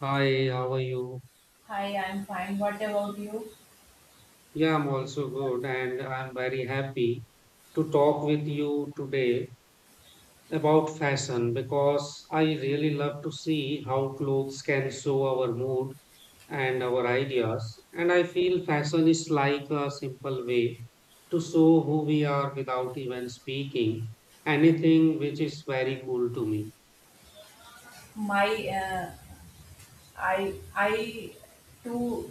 Hi, how are you? Hi, I'm fine. What about you? Yeah, I'm also good, and I'm very happy to talk with you today about fashion because I really love to see how clothes can show our mood and our ideas. And I feel fashion is like a simple way to show who we are without even speaking anything, which is very cool to me. My, uh, I too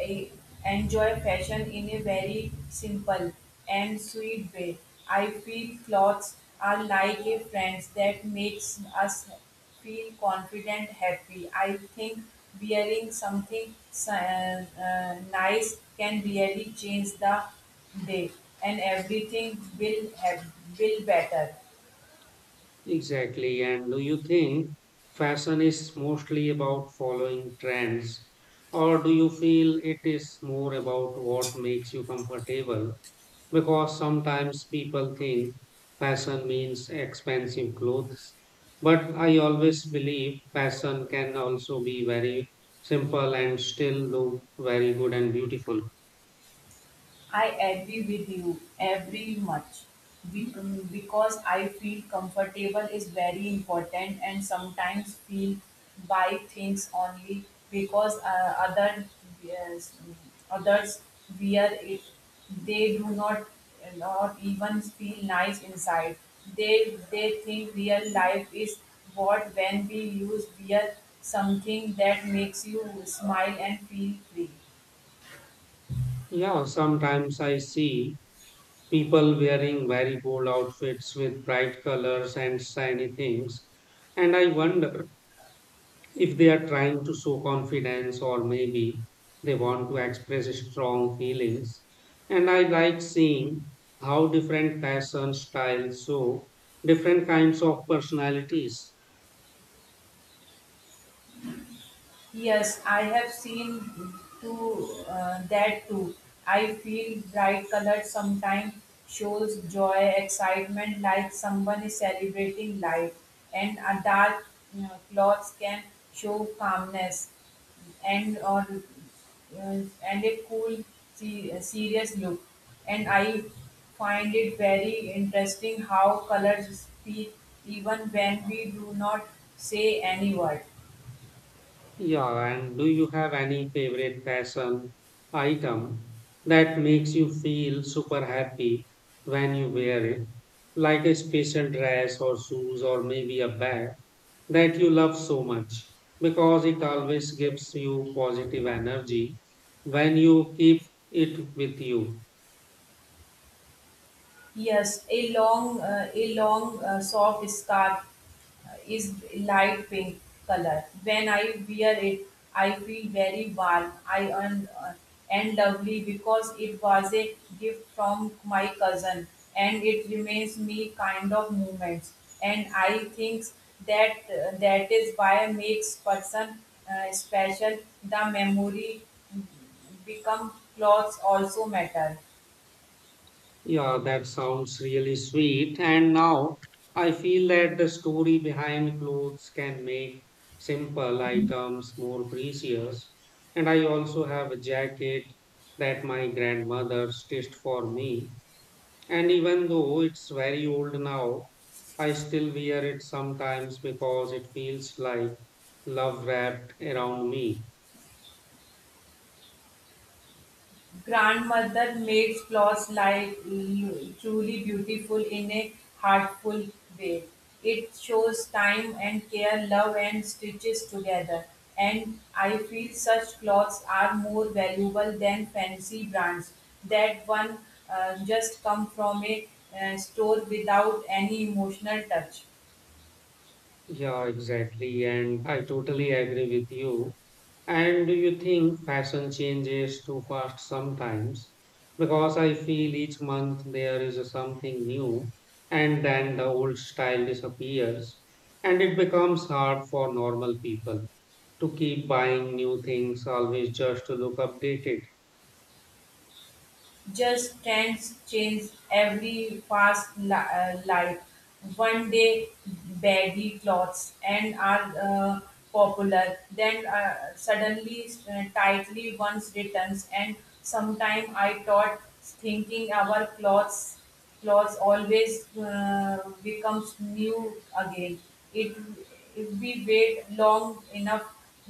eh, enjoy fashion in a very simple and sweet way. I feel clothes are like a friend that makes us feel confident, happy. I think wearing something nice can really change the day, and everything will better. Exactly. And do you think fashion is mostly about following trends, or do you feel it is more about what makes you comfortable? Because sometimes people think fashion means expensive clothes, but I always believe fashion can also be very simple and still look very good and beautiful. I agree with you every much. Because I feel comfortable is very important, and sometimes feel buy things only because other yes, others wear it. They do not even feel nice inside. They think real life is what when we use wear something that makes you smile and feel free. Yeah, sometimes I see people wearing very bold outfits with bright colors and shiny things. And I wonder if they are trying to show confidence or maybe they want to express strong feelings. And I like seeing how different fashion styles show different kinds of personalities. Yes, I have seen to that too. I feel bright color sometimes shows joy, excitement, like someone is celebrating life, and a dark cloth can show calmness, and or and a cool, serious look. And I find it very interesting how colors speak even when we do not say any word. Yeah, and do you have any favorite fashion item that makes you feel super happy when you wear it? Like a special dress or shoes or maybe a bag that you love so much because it always gives you positive energy when you keep it with you. Yes, a long, soft scarf is light pink color. When I wear it, I feel very warm, and lovely, because it was a gift from my cousin, and it reminds me kind of moments. And I think that is why makes person special. The memory become clothes also matter. Yeah, that sounds really sweet. And now I feel that the story behind clothes can make simple items more precious. And I also have a jacket that my grandmother stitched for me. And even though it's very old now, I still wear it sometimes because it feels like love wrapped around me. Grandmother made flowers truly beautiful in a heartful way. It shows time and care, love and stitches together. And I feel such clothes are more valuable than fancy brands that one just come from a store without any emotional touch. Yeah, exactly. And I totally agree with you. And do you think fashion changes too fast sometimes? Because I feel each month there is a something new, and then the old style disappears, and it becomes hard for normal people to keep buying new things always just to look updated. Just trends change every fast life. One day baggy clothes and are popular, then suddenly tightly once returns. And sometime I thought thinking our clothes laws always becomes new again. It If we wait long enough,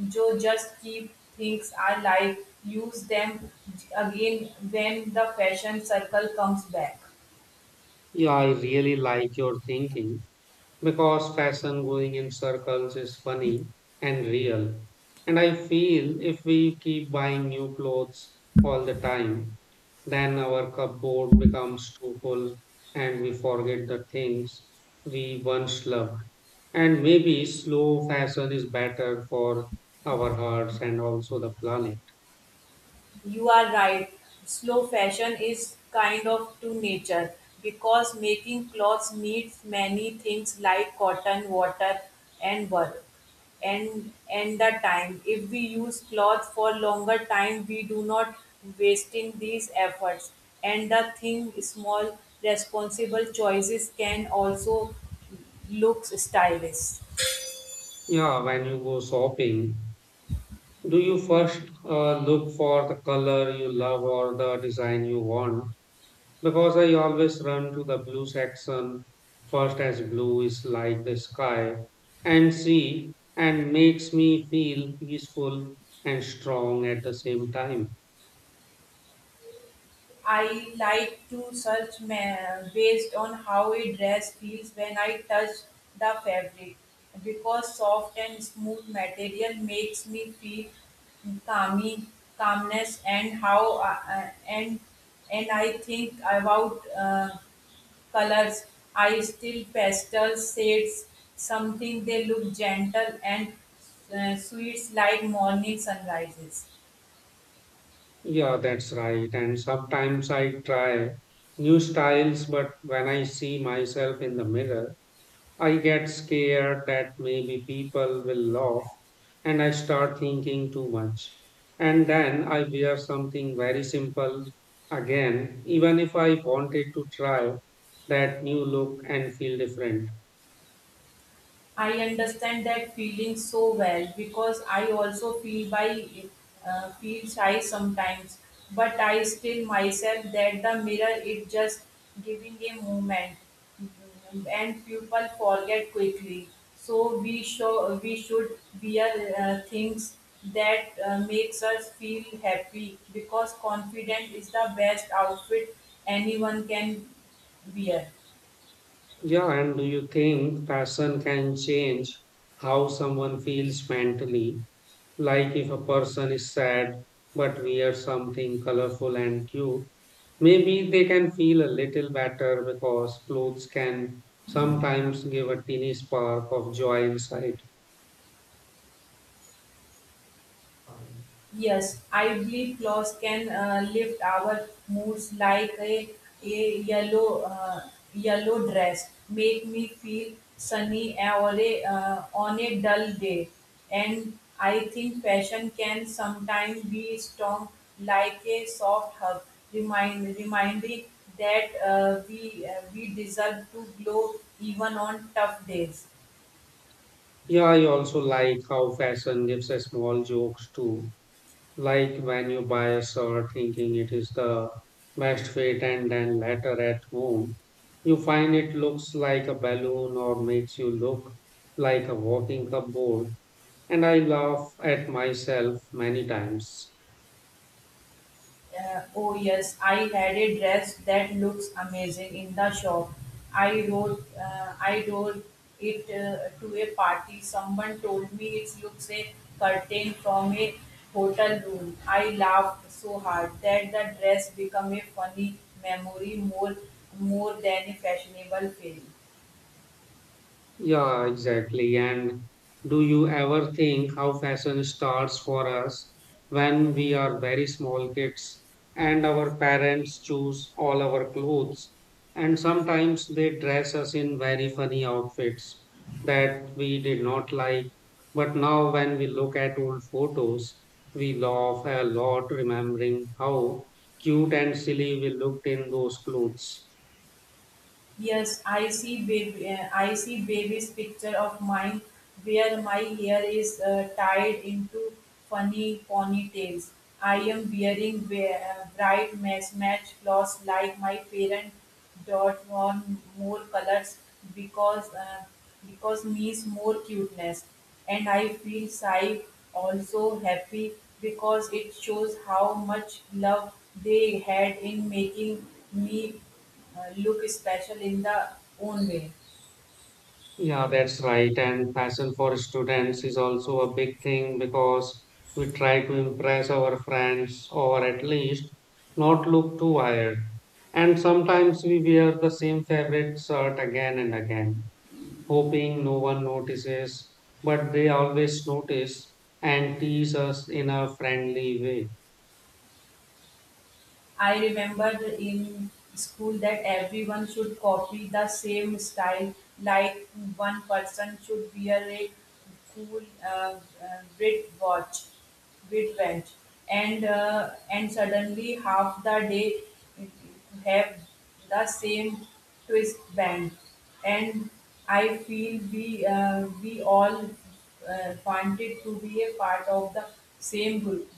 Joe just keep things alive, use them again when the fashion circle comes back. Yeah, I really like your thinking because fashion going in circles is funny and real. And I feel if we keep buying new clothes all the time, then our cupboard becomes too full and we forget the things we once loved. And maybe slow fashion is better for our hearts and also the planet. You are right. Slow fashion is kind of to nature because making clothes needs many things like cotton, water, and work, and the time. If we use cloth for longer time, we do not wasting these efforts. And the thing small responsible choices can also look stylish. Yeah, when you go shopping, do you first look for the color you love or the design you want? Because I always run to the blue section first, as blue is like the sky and sea and makes me feel peaceful and strong at the same time. I like to search based on how a dress feels when I touch the fabric, because soft and smooth material makes me feel calming, calmness, and how and I think about colors. I still pastel shades something they look gentle and sweets like morning sunrises. Yeah, that's right. And sometimes I try new styles, but when I see myself in the mirror, I get scared that maybe people will laugh and I start thinking too much. And then I wear something very simple again, even if I wanted to try that new look and feel different. I understand that feeling so well because I also feel shy sometimes, but I still myself that the mirror is just giving a movement, and people forget quickly. So we should wear things that makes us feel happy, because confident is the best outfit anyone can wear. Yeah, and do you think fashion can change how someone feels mentally? Like if a person is sad but wears something colorful and cute, maybe they can feel a little better because clothes can sometimes give a teeny spark of joy inside. Yes, ivy flowers can lift our moods like a yellow dress, make me feel sunny or on a dull day. And I think fashion can sometimes be strong like a soft hug, reminding that we we deserve to glow even on tough days. Yeah, I also like how fashion gives us small jokes too. Like when you buy a shirt thinking it is the best fit and then later at home, you find it looks like a balloon or makes you look like a walking cupboard. And I laugh at myself many times. Oh, yes, I had a dress that looks amazing in the shop. I wore it to a party. Someone told me it looks a curtain from a hotel room. I laughed so hard that the dress became a funny memory, more than a fashionable film. Yeah, exactly. And do you ever think how fashion starts for us when we are very small kids and our parents choose all our clothes? And sometimes they dress us in very funny outfits that we did not like. But now, when we look at old photos, we laugh a lot remembering how cute and silly we looked in those clothes. Yes, I see baby's picture of mine, where my hair is tied into funny ponytails. I am wearing bright match clothes like my parent. Dot on more colors because uh, because means more cuteness, and I feel shy also happy, because it shows how much love they had in making me look special in the own way. Yeah, that's right. And fashion for students is also a big thing because we try to impress our friends or at least not look too wired. And sometimes we wear the same favorite shirt again and again, hoping no one notices, but they always notice and tease us in a friendly way. I remembered in school that everyone should copy the same style, like one person should wear a cool red watch, red watch, and suddenly half the day have the same twist band, and I feel we all wanted to be a part of the same group.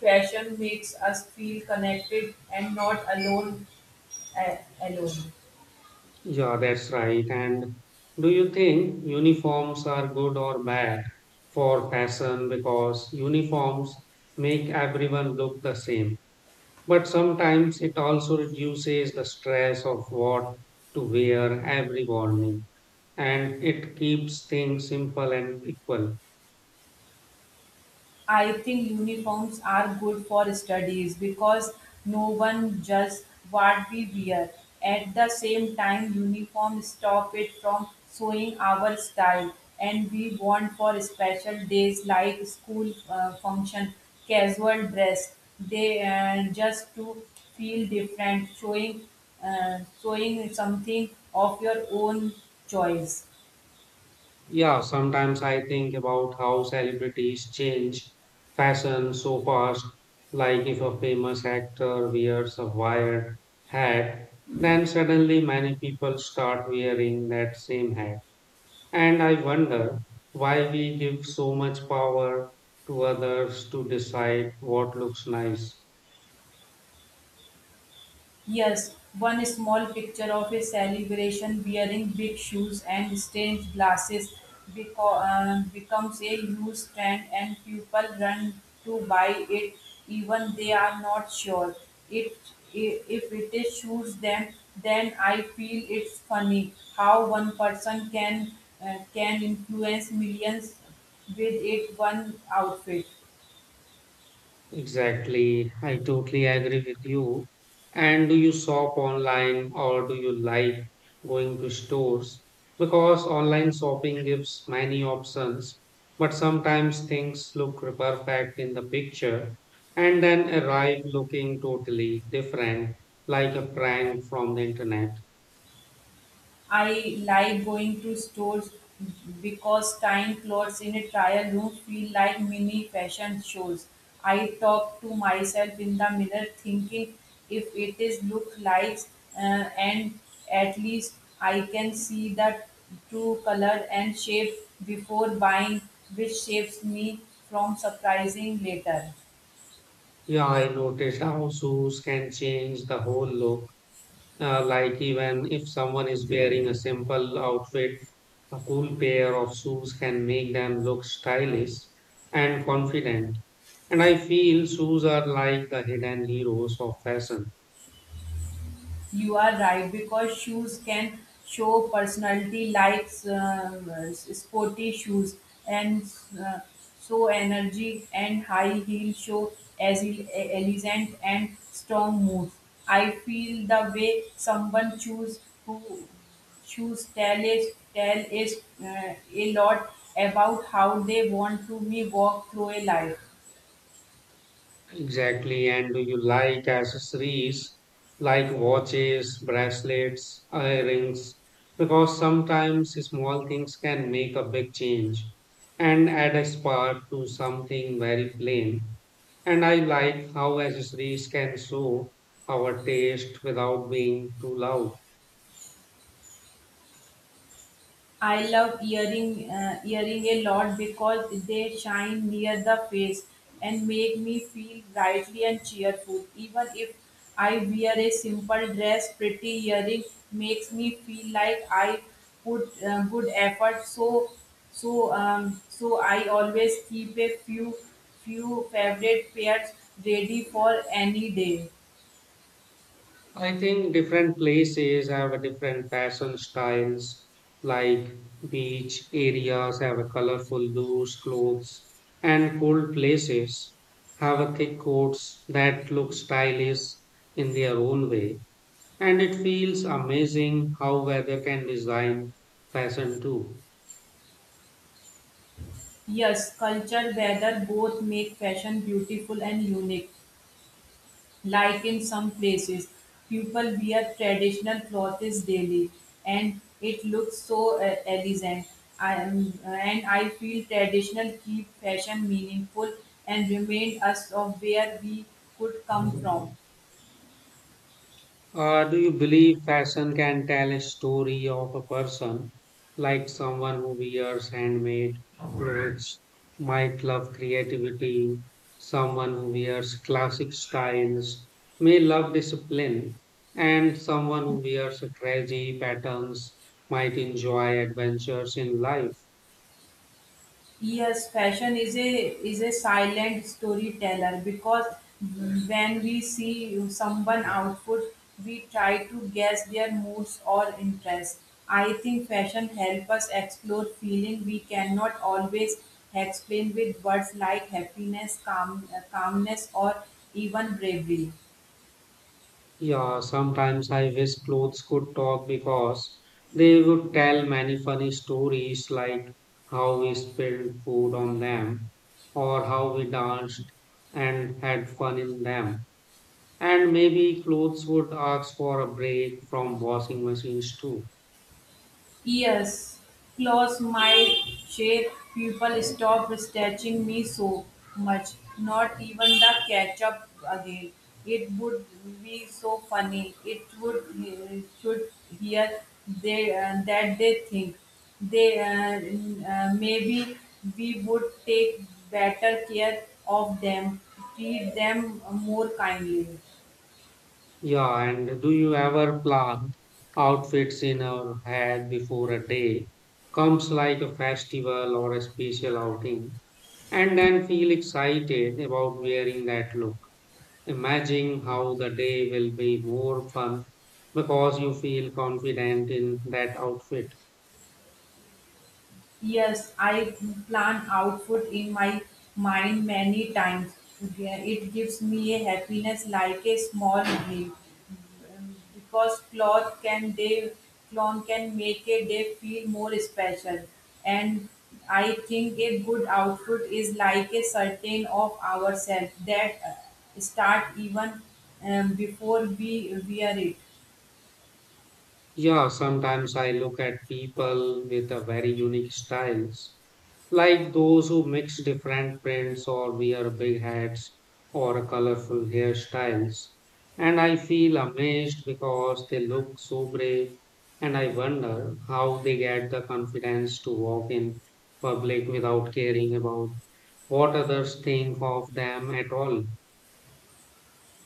Fashion makes us feel connected and not alone. Yeah, that's right. And do you think uniforms are good or bad for fashion? Because uniforms make everyone look the same. But sometimes it also reduces the stress of what to wear every morning. And it keeps things simple and equal. I think uniforms are good for studies because no one judges what we wear. At the same time, uniforms stop it from showing our style, and we want for special days like school function, casual dress. They just to feel different, showing something of your own choice. Yeah, sometimes I think about how celebrities change fashion so fast. Like if a famous actor wears a wired hat, then suddenly many people start wearing that same hat. And I wonder why we give so much power to others to decide what looks nice. Yes, one small picture of a celebration wearing big shoes and strange glasses beco- becomes a huge trend, and people run to buy it, even they are not sure. It, if it is shoes, them, then I feel it's funny how one person can influence millions with it one outfit. Exactly. I totally agree with you. And do you shop online or do you like going to stores? Because online shopping gives many options, but sometimes things look perfect in the picture and then arrive looking totally different, like a prank from the internet. I like going to stores because tying clothes in a trial room feel like mini fashion shows. I talk to myself in the mirror thinking if it is look like uh, and at least I can see the true color and shape before buying, which saves me from surprising later. Yeah, I noticed how shoes can change the whole look. Like even if someone is wearing a simple outfit, a cool pair of shoes can make them look stylish and confident. And I feel shoes are like the hidden heroes of fashion. You are right because shoes can show personality, like sporty shoes and uh, so energy, and high heel show as elegant and strong mood. I feel the way someone choose who choose tell is a lot about how they want to be walk through a life. Exactly. And do you like accessories like watches, bracelets, earrings? Because sometimes small things can make a big change and add a spark to something very plain. And I like how accessories can show our taste without being too loud. I love earring a lot because they shine near the face and make me feel brightly and cheerful. Even if I wear a simple dress, pretty earring makes me feel like I put good effort. So I always keep a few favorite pairs ready for any day. I think different places have a different fashion styles, like beach areas have a colorful loose clothes, and cold places have a thick coats that look stylish in their own way. And it feels amazing how weather can design fashion too. Yes, culture, weather both make fashion beautiful and unique. Like in some places, people wear traditional clothes daily, and it looks so elegant. And I feel traditional keep fashion meaningful and remind us of where we could come from. Do you believe fashion can tell a story of a person, like someone who wears handmade clothes might love creativity, someone who wears classic styles may love discipline, and someone who wears crazy patterns might enjoy adventures in life? Yes, fashion is a silent storyteller because when we see someone outfit, we try to guess their moods or interests. I think fashion helps us explore feeling we cannot always explain with words like happiness, calmness, or even bravery. Yeah, sometimes I wish clothes could talk because they would tell many funny stories like how we spilled food on them or how we danced and had fun in them. And maybe clothes would ask for a break from washing machines too. Yes, claws might shape people stop stretching me so much. Not even the ketchup again. It would be so funny. It would should hear they that they think they maybe we would take better care of them, treat them more kindly. Yeah, and do you ever plan outfits in your head before a day comes like a festival or a special outing? And then feel excited about wearing that look. Imagine how the day will be more fun because you feel confident in that outfit. Yes, I plan outfit in my mind many times. Yeah, it gives me a happiness like a small dream, because cloth can make a day feel more special. And I think a good outfit is like a certain of ourselves that start even before we wear it. Yeah, sometimes I look at people with a very unique styles, like those who mix different prints or wear big hats or colorful hairstyles. And I feel amazed because they look so brave, and I wonder how they get the confidence to walk in public without caring about what others think of them at all.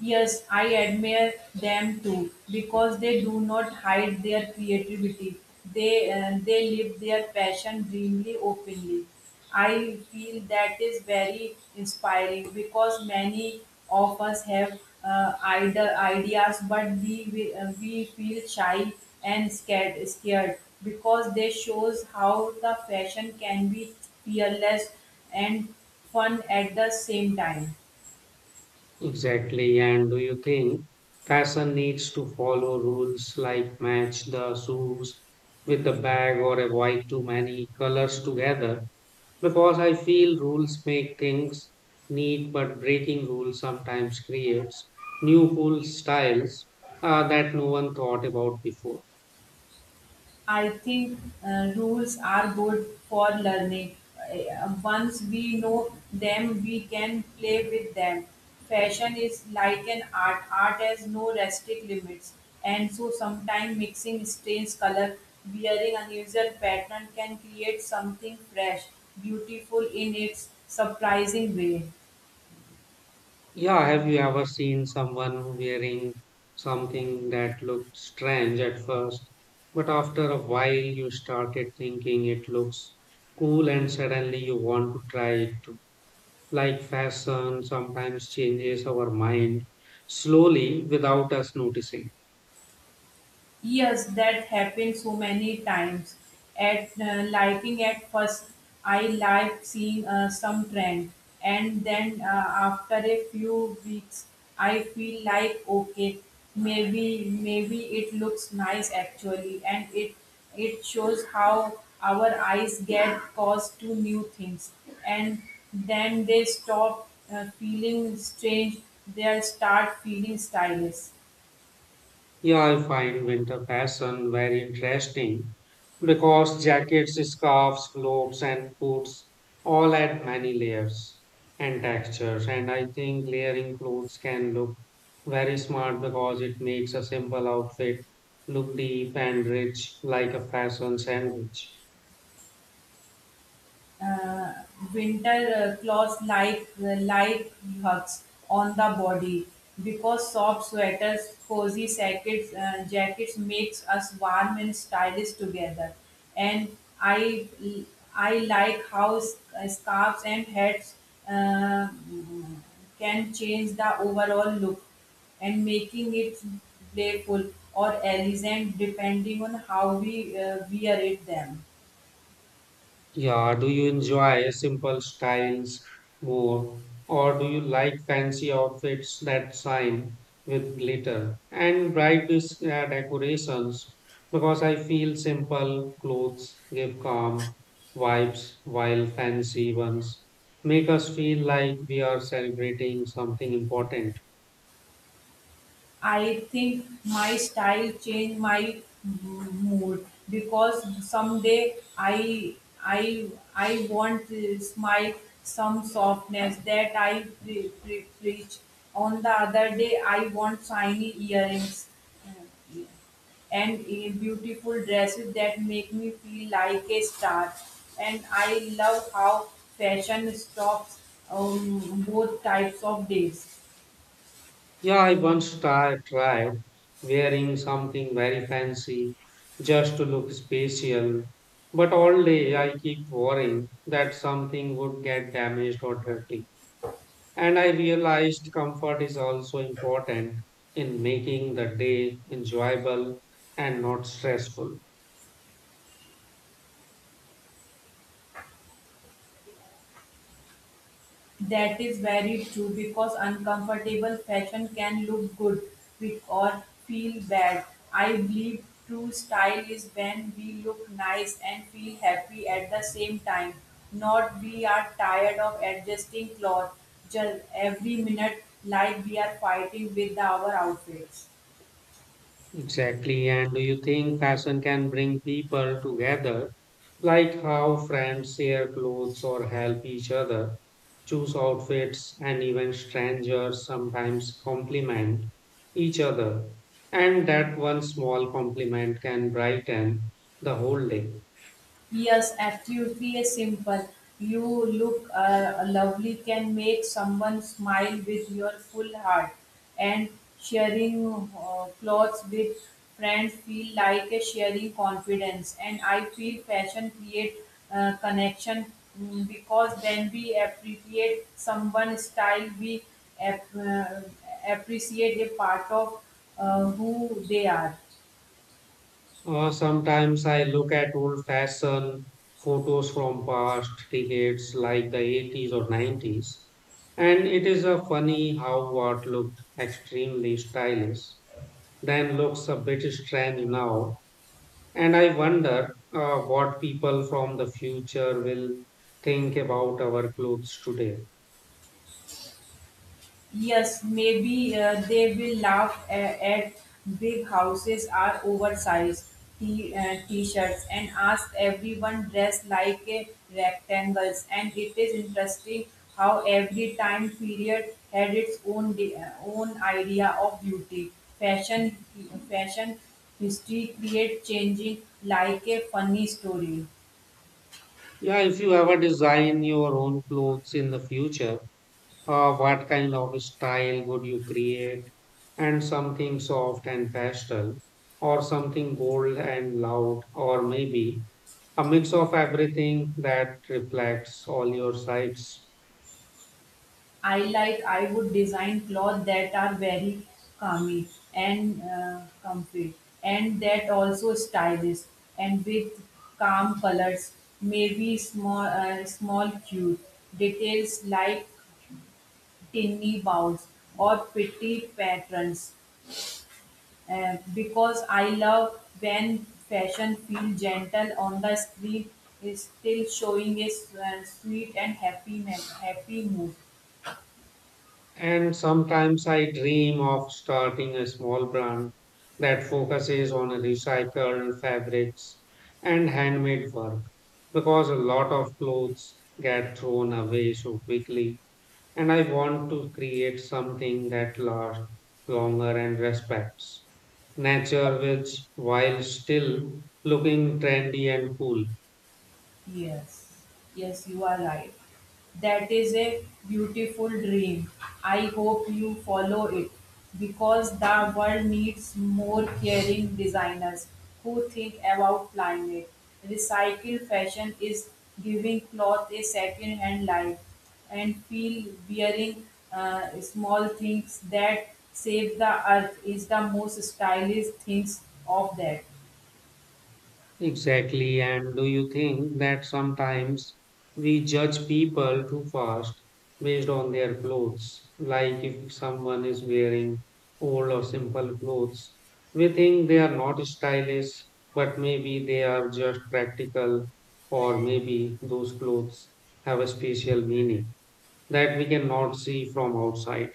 Yes, I admire them too because they do not hide their creativity. They live their passion dreamly openly. I feel that is very inspiring because many of us have ideas, but we feel shy and scared, because they shows how the fashion can be fearless and fun at the same time. Exactly. And do you think fashion needs to follow rules like match the shoes with the bag or avoid too many colors together? Because I feel rules make things neat, but breaking rules sometimes creates new cool styles that no one thought about before. I think rules are good for learning. Once we know them, we can play with them. Fashion is like an art. Art has no restrict limits, and so sometimes mixing strange color, wearing unusual pattern can create something fresh, beautiful in its surprising way. Yeah, have you ever seen someone wearing something that looked strange at first, but after a while you started thinking it looks cool and suddenly you want to try it? Too? Like fashion sometimes changes our mind slowly without us noticing. Yes, that happened so many times. At liking at first, I like seeing some trend, and then after a few weeks, I feel like okay, maybe it looks nice actually, and it shows how our eyes get caused to new things, and then they stop feeling strange. They start feeling stylish. Yeah, I find winter fashion very interesting because jackets, scarves, cloaks, and coats all add many layers and textures. And I think layering clothes can look very smart because it makes a simple outfit look deep and rich like a fashion sandwich. uh, Winter clothes like light hugs on the body, because soft sweaters, cozy jackets makes us warm and stylish together. And I like how scarves and hats uh, can change the overall look and making it playful or elegant, depending on how we wear it them. Yeah, do you enjoy simple styles more, or do you like fancy outfits that shine with glitter and bright decorations? Because I feel simple clothes give calm vibes, while fancy ones make us feel like we are celebrating something important. I think my style change my mood, because someday I I want to smile some softness that I preach. On the other day, I want shiny earrings. Uh, and beautiful dresses that make me feel like a star. And I love how fashion stops both types of days. Yeah, I once tried wearing something very fancy just to look special, but all day I keep worrying that something would get damaged or dirty. And I realized comfort is also important in making the day enjoyable and not stressful. That is very true because uncomfortable fashion can look good or feel bad. I believe true style is when we look nice and feel happy at the same time, not we are tired of adjusting clothes just every minute like we are fighting with our outfits. Exactly. And do you think fashion can bring people together, like how friends share clothes or help each other, choose outfits, and even strangers sometimes compliment each other? And that one small compliment can brighten the whole day. Yes, absolutely is simple. You look lovely can make someone smile with your full heart, and sharing clothes with friends feel like a sharing confidence. And I feel fashion create connection, because when we appreciate someone's style, we ap- uh, appreciate a part of who they are. Sometimes I look at old fashioned photos from past decades like the 80s or 90s, and it is a funny how what looked extremely stylish then looks a bit strange now. And I wonder what people from the future will think about our clothes today. Yes, maybe they will laugh at big houses are oversized t-shirts, and ask everyone dressed like rectangles. And it is interesting how every time period had its own own idea of beauty. Fashion, fashion history create changing like a funny story. Yeah, if you ever design your own clothes in the future, what kind of style would you create? And something soft and pastel, or something bold and loud, or maybe a mix of everything that reflects all your sides. I would design clothes that are very calming and comfy, and that also stylish, and with calm colors, maybe small cute details like tiny bows or pretty patterns, because I love when fashion feels gentle on the screen, is still showing a sweet and happy mood. And sometimes I dream of starting a small brand that focuses on recycled fabrics and handmade work because a lot of clothes get thrown away so quickly. And I want to create something that lasts longer and respects nature, which while still looking trendy and cool. Yes, yes, you are right. That is a beautiful dream. I hope you follow it because the world needs more caring designers who think about climate. Recycled fashion is giving cloth a second hand life, and feel wearing small things that save the earth is the most stylish things of that. Exactly. And do you think that sometimes we judge people too fast based on their clothes? Like if someone is wearing old or simple clothes, we think they are not stylish, but maybe they are just practical, or maybe those clothes have a special meaning that we cannot see from outside.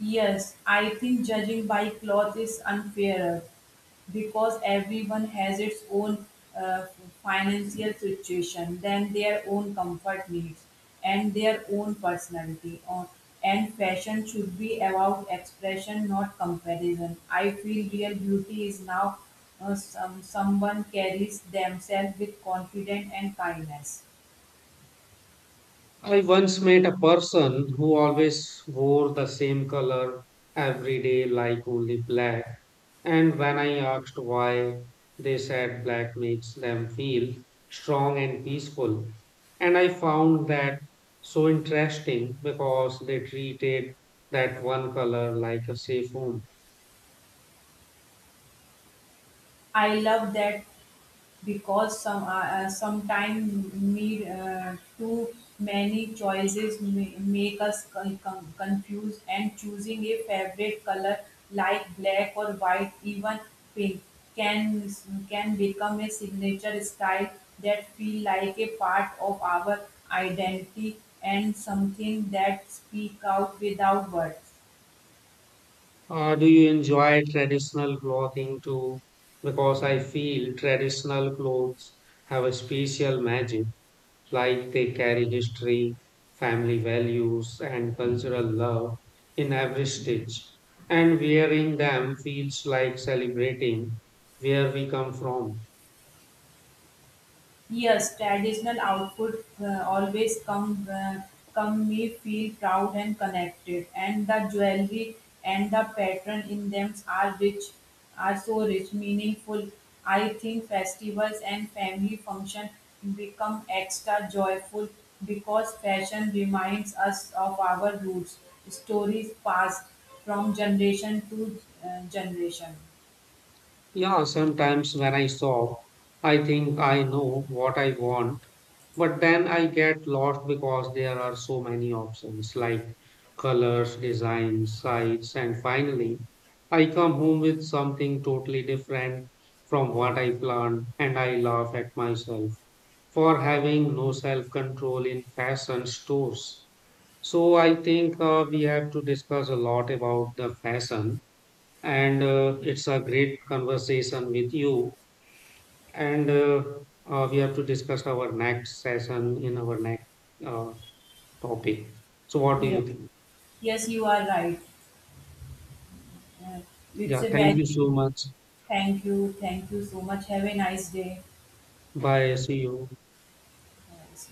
Yes, I think judging by cloth is unfairer because everyone has its own uh, financial situation, then their own comfort needs, and their own personality. Or, and fashion should be about expression, not comparison. I feel real beauty is now someone carries themselves with confidence and kindness. I once met a person who always wore the same color every day, like only black. And when I asked why, they said black makes them feel strong and peaceful. And I found that so interesting because they treated that one color like a safe home. I love that because sometimes need too many choices make us confused, and choosing a favorite color like black or white even pink can can become a signature style that feel like a part of our identity, and something that speak out without words. Do you enjoy traditional clothing too? Because I feel traditional clothes have a special magic, like they carry history, family values, and cultural love in every stitch. And wearing them feels like celebrating where we come from. Yes, traditional output always come me feel proud and connected, and the jewelry and the pattern in them are so rich, meaningful. I think festivals and family function become extra joyful because fashion reminds us of our roots, stories passed from generation to generation. Yeah, sometimes when I shop, I think I know what I want, but then I get lost because there are so many options like colors, designs, sites, and finally I come home with something totally different from what I planned and I laugh at myself for having no self control in fashion stores. So I think we have to discuss a lot about the fashion and it's a great conversation with you. And We have to discuss our next session in our next uh, topic. So, what do Yes, you think? yes, you are right. Uh, it's Yeah, a thank very. you so much. Thank you. Thank you so much. Have a nice day. Bye. See you. Yes.